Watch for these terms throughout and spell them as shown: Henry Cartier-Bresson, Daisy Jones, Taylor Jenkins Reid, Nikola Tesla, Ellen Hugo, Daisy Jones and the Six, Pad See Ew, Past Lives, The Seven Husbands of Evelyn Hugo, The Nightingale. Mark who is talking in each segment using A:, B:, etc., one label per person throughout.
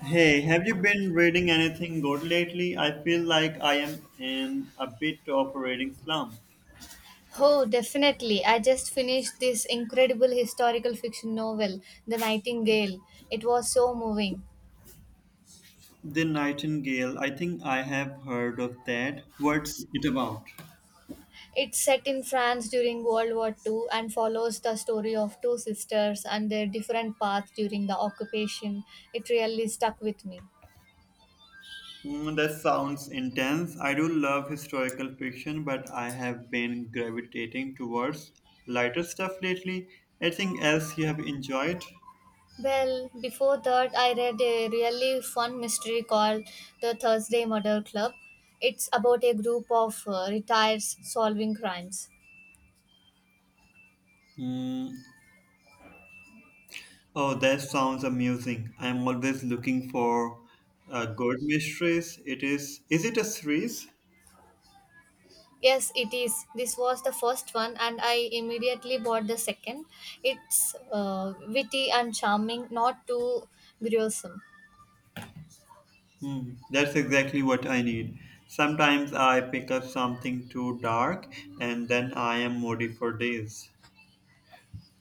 A: Hey, have you been reading anything good lately? I feel like I am in a bit of a reading slump.
B: Oh, definitely. I just finished this incredible historical fiction novel, The Nightingale. It was so moving.
A: The Nightingale, I think I have heard of that. What's it about?
B: It's set in France during World War II and follows the story of two sisters and their different paths during the occupation. It really stuck with me.
A: Mm, that sounds intense. I do love historical fiction, but I have been gravitating towards lighter stuff lately. Anything else you have enjoyed?
B: Well, before that, I read a really fun mystery called The Thursday Murder Club. It's about a group of retirees solving crimes.
A: Mm, oh, that sounds amusing. I'm always looking for good mysteries. It is. Is it a series?
B: Yes, it is. This was the first one, and I immediately bought the second. It's witty and charming, not too gruesome.
A: Hmm, that's exactly what I need. Sometimes I pick up something too dark and then I am moody for days.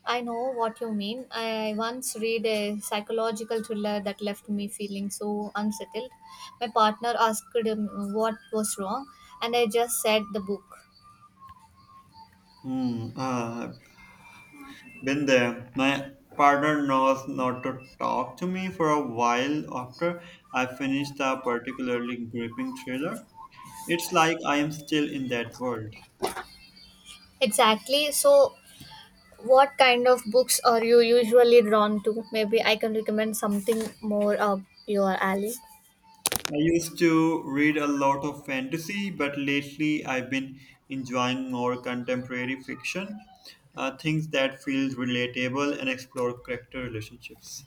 B: I know what you mean. I once read a psychological thriller that left me feeling so unsettled. My partner asked him what was wrong, and I just said the book.
A: Hmm, uh, been there. My partner knows not to talk to me for a while after I finished a particularly gripping thriller. It's like I am still in that world.
B: Exactly. So, what kind of books are you usually drawn to? Maybe I can recommend something more up your alley.
A: I used to read a lot of fantasy, but lately I've been enjoying more contemporary fiction, things that feel relatable and explore character relationships.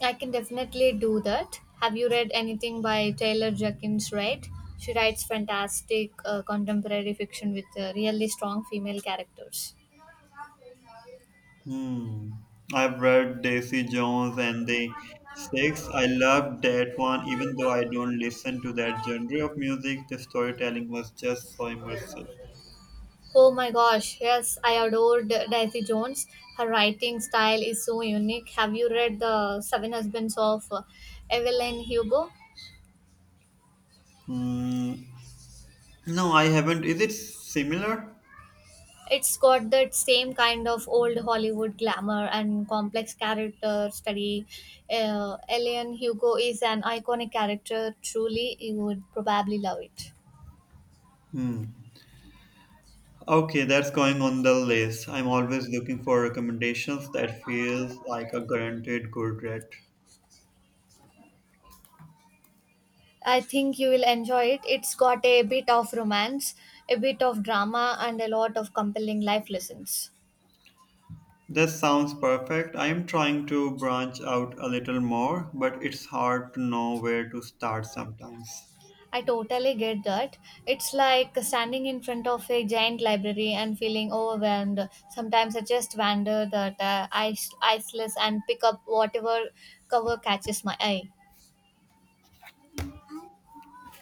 B: I can definitely do that. Have you read anything by Taylor Jenkins Reid? She writes fantastic contemporary fiction with really strong female characters.
A: Hmm. I've read Daisy Jones and the Six. I loved that one, even though I don't listen to that genre of music. The storytelling was just so immersive.
B: Oh my gosh, yes, I adored Daisy Jones. Her writing style is so unique. Have you read The Seven Husbands of Evelyn Hugo?
A: Hmm. No, I haven't. Is it similar?
B: It's got that same kind of old Hollywood glamour and complex character study. Ellen Hugo is an iconic character, truly, you would probably love it.
A: Hmm. Okay, that's going on the list. I'm always looking for recommendations that feels like a guaranteed good rate.
B: I think you will enjoy it. It's got a bit of romance, a bit of drama, and a lot of compelling life lessons.
A: This sounds perfect. I am trying to branch out a little more, but it's hard to know where to start sometimes.
B: I totally get that. It's like standing in front of a giant library and feeling overwhelmed. Sometimes I just wander that iceless and pick up whatever cover catches my eye.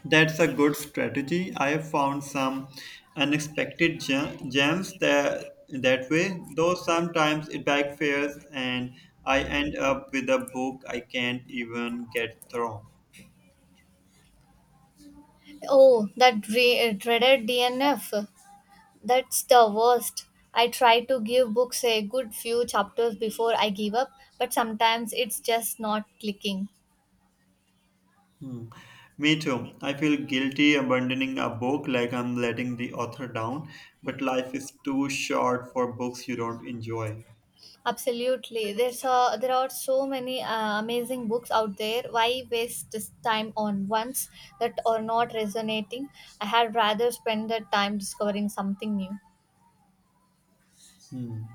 A: That's a good strategy. I have found some unexpected gems that that way, though sometimes it backfires and I end up with a book I can't even get through.
B: Oh, that dreaded DNF. That's the worst. I try to give books a good few chapters before I give up, but sometimes it's just not clicking.
A: Hmm. Me too. I feel guilty abandoning a book like I'm letting the author down, but life is too short for books you don't enjoy.
B: Absolutely. There are so many amazing books out there. Why waste this time on ones that are not resonating? I had rather spend the time discovering something new.
A: Hmm.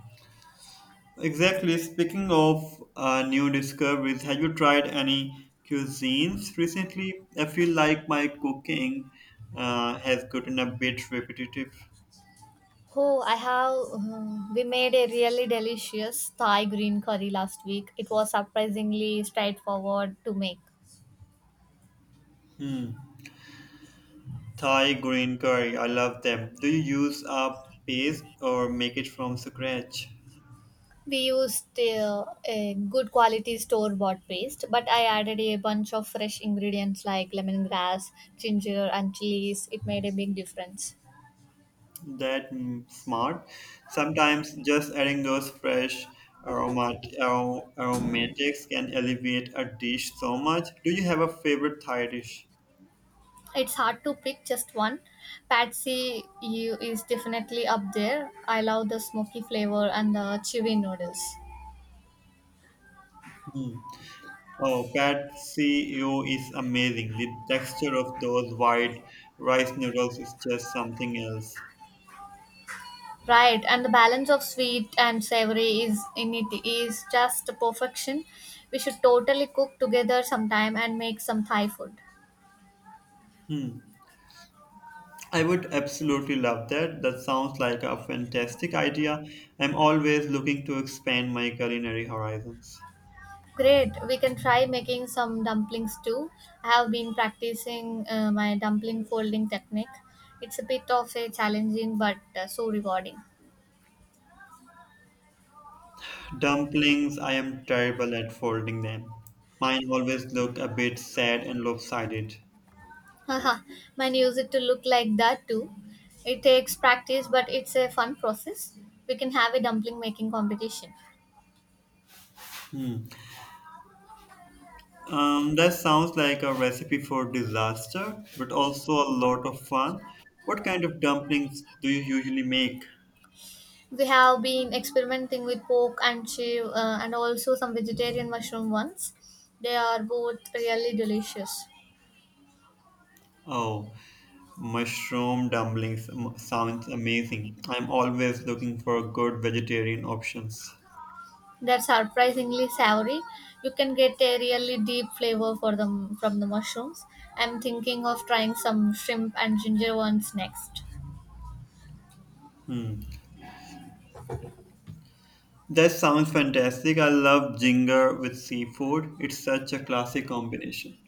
A: Exactly. Speaking of new discoveries, have you tried any cuisines recently? I feel like my cooking has gotten a bit repetitive.
B: Oh, I have. We made a really delicious Thai green curry last week. It was surprisingly straightforward to make.
A: Hmm. Thai green curry, I love them. Do you use a paste or make it from scratch?
B: We used a good quality store bought paste, but I added a bunch of fresh ingredients like lemongrass, ginger, and chilies. It made a big difference.
A: That smart. Sometimes just adding those fresh aromatics can elevate a dish so much. Do you have a favorite Thai dish?
B: It's hard to pick just one. Patsy you is definitely up there. I love the smoky flavor and the chewy noodles.
A: Hmm. Oh, Pad See Ew is amazing. The texture of those white rice noodles is just something else.
B: Right, and the balance of sweet and savory is in it is just perfection. We should totally cook together sometime and make some Thai food.
A: Hmm. I would absolutely love that. That sounds like a fantastic idea. I'm always looking to expand my culinary horizons.
B: Great, we can try making some dumplings too. I have been practicing my dumpling folding technique. It's a bit of a challenging but so rewarding.
A: Dumplings, I am terrible at folding them. Mine always look a bit sad and lopsided.
B: Haha, mine use it to look like that too. It takes practice, but it's a fun process. We can have a dumpling making competition.
A: Hmm. That sounds like a recipe for disaster, but also a lot of fun. What kind of dumplings do you usually make?
B: We have been experimenting with pork and and also some vegetarian mushroom ones. They are both really delicious.
A: Oh, mushroom dumplings sounds amazing. I'm always looking for good vegetarian options.
B: They're surprisingly savory. You can get a really deep flavor for them from the mushrooms. I'm thinking of trying some shrimp and ginger ones next.
A: Hmm. That sounds fantastic. I love ginger with seafood. It's such a classic combination.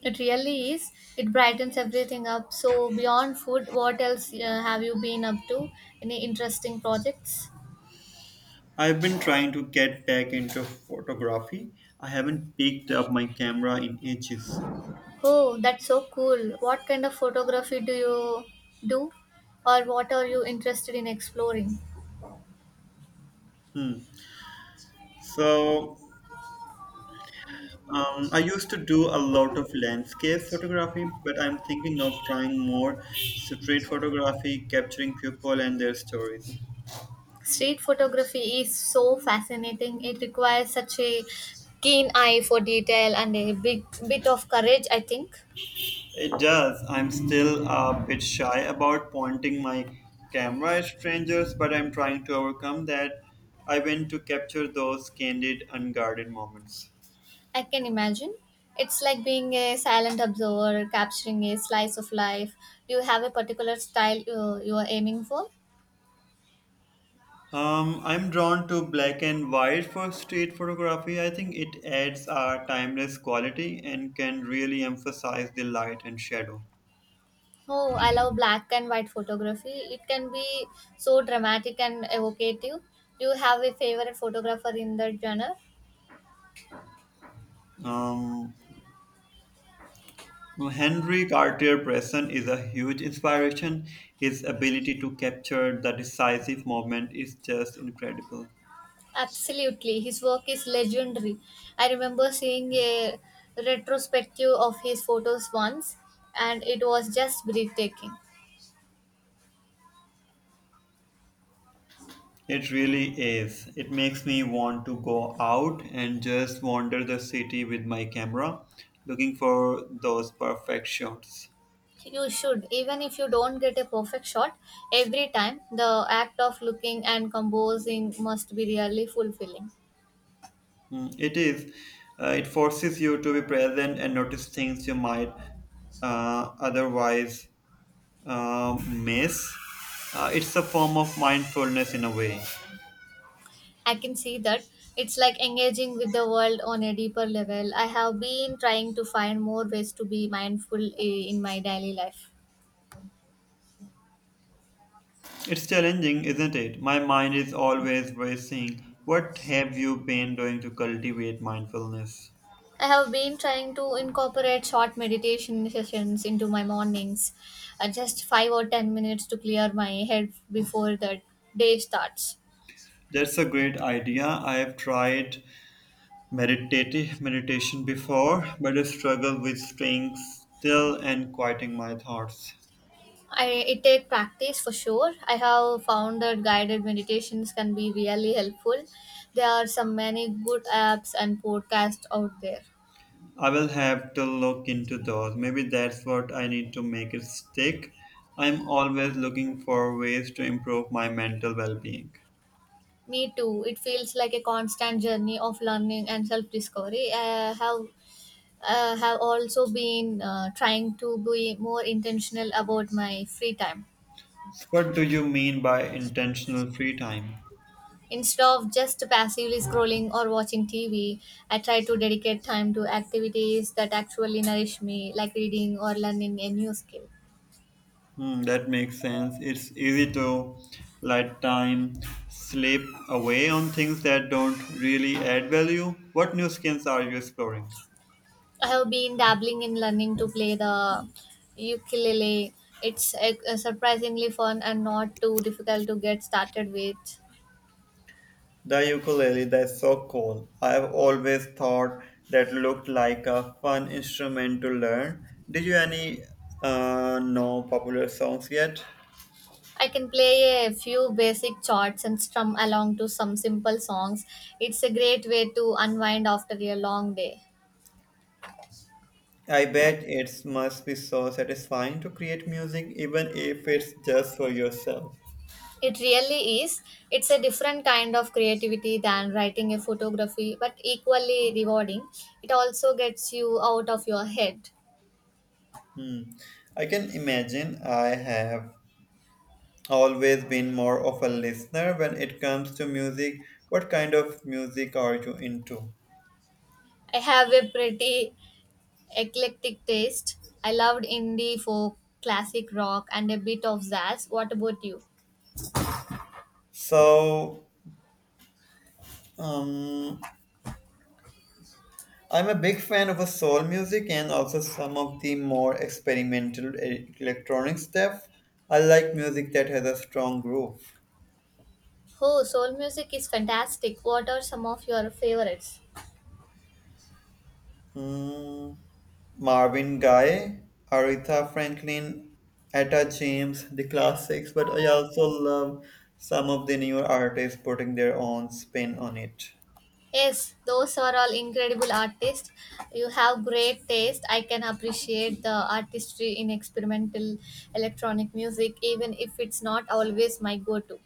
B: It really is. It brightens everything up. So, beyond food, what else have you been up to? Any interesting projects?
A: I've been trying to get back into photography. I haven't picked up my camera in ages.
B: Oh, that's so cool. What kind of photography do you do? Or what are you interested in exploring?
A: Hmm. So, I used to do a lot of landscape photography, but I'm thinking of trying more street photography, capturing people and their stories.
B: Street photography is so fascinating. It requires such a keen eye for detail and a big bit of courage, I think.
A: It does. I'm still a bit shy about pointing my camera at strangers, but I'm trying to overcome that. I went to capture those candid, unguarded moments.
B: I can imagine. It's like being a silent observer, capturing a slice of life. Do you have a particular style you are aiming for?
A: I'm drawn to black and white for street photography. I think it adds a timeless quality and can really emphasize the light and shadow.
B: Oh, I love black and white photography. It can be so dramatic and evocative. Do you have a favorite photographer in that genre?
A: Um, Henry Cartier-Bresson is a huge inspiration. His ability to capture the decisive moment is just incredible.
B: Absolutely. His work is legendary. I remember seeing a retrospective of his photos once, and it was just breathtaking.
A: It really is. It makes me want to go out and just wander the city with my camera, looking for those perfect shots.
B: You should, even if you don't get a perfect shot every time, the act of looking and composing must be really fulfilling.
A: Mm, it is. It forces you to be present and notice things you might otherwise miss. It's a form of mindfulness in a way.
B: I can see that. It's like engaging with the world on a deeper level. I have been trying to find more ways to be mindful in my daily life.
A: It's challenging, isn't it? My mind is always racing. What have you been doing to cultivate mindfulness?
B: I have been trying to incorporate short meditation sessions into my mornings, just 5 or 10 minutes to clear my head before the day starts.
A: That's a great idea. I have tried meditative meditation before, but I struggle with staying still and quieting my thoughts.
B: I it take practice for sure. I have found that guided meditations can be really helpful. There are some many good apps and podcasts out there.
A: I will have to look into those. Maybe that's what I need to make it stick. I'm always looking for ways to improve my mental well being.
B: Me too. It feels like a constant journey of learning and self discovery. I have also been trying to be more intentional about my free time.
A: What do you mean by intentional free time?
B: Instead of just passively scrolling or watching TV, I try to dedicate time to activities that actually nourish me, like reading or learning a new skill.
A: Hmm, that makes sense. It's easy to let time slip away on things that don't really add value. What new skills are you exploring?
B: I have been dabbling in learning to play the ukulele. It's surprisingly fun and not too difficult to get started with.
A: The ukulele, that's so cool. I've always thought that looked like a fun instrument to learn. Did you any know popular songs yet?
B: I can play a few basic chords and strum along to some simple songs. It's a great way to unwind after a long day.
A: I bet it must be so satisfying to create music, even if it's just for yourself.
B: It really is. It's a different kind of creativity than writing a photography, but equally rewarding. It also gets you out of your head.
A: Hmm. I can imagine I have always been more of a listener when it comes to music. What kind of music are you into?
B: I have a pretty Eclectic taste. I loved indie folk, classic rock, and a bit of jazz. What about you?
A: So, um, I'm a big fan of soul music and also some of the more experimental electronic stuff. I like music that has a strong groove.
B: Oh, soul music is fantastic. What are some of your favorites?
A: Mm, Marvin Gaye, Aretha Franklin, Etta James, the classics, but I also love some of the newer artists putting their own spin on it.
B: Yes, those are all incredible artists. You have great taste. I can appreciate the artistry in experimental electronic music, even if it's not always my go to.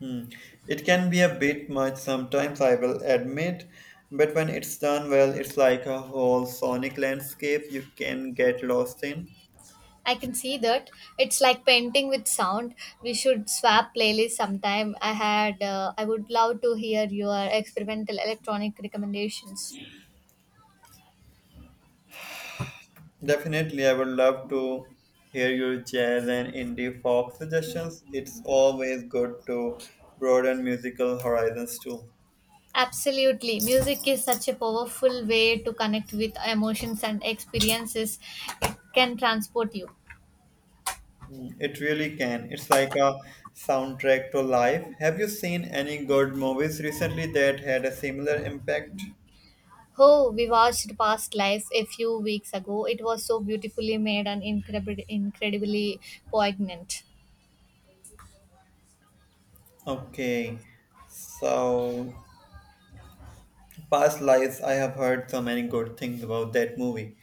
A: Hmm. It can be a bit much sometimes, I will admit, but when it's done well, it's like a whole sonic landscape you can get lost in.
B: I can see that. It's like painting with sound. We should swap playlists sometime. I would love to hear your experimental electronic recommendations.
A: Definitely, I would love to hear your jazz and indie folk suggestions. It's always good to broaden musical horizons too.
B: Absolutely. Music is such a powerful way to connect with emotions and experiences. It can transport you.
A: It really can. It's like a soundtrack to life. Have you seen any good movies recently that had a similar impact?
B: Oh, we watched Past Lives a few weeks ago. It was so beautifully made and incredibly poignant.
A: Okay, so Past Lives, I have heard so many good things about that movie.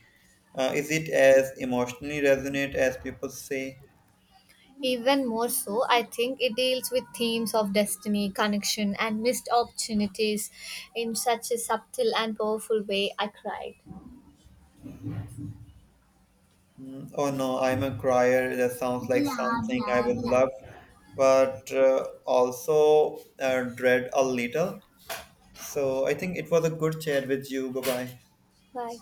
A: Is it as emotionally resonant as people say?
B: Even more so, I think it deals with themes of destiny, connection, and missed opportunities in such a subtle and powerful way. I cried.
A: Mm, oh no, I'm a crier. That sounds like
B: Blah
A: something I
B: blah
A: would
B: blah.
A: love, but also dread a little. So I think it was a good chat with you. Bye bye.
B: Bye.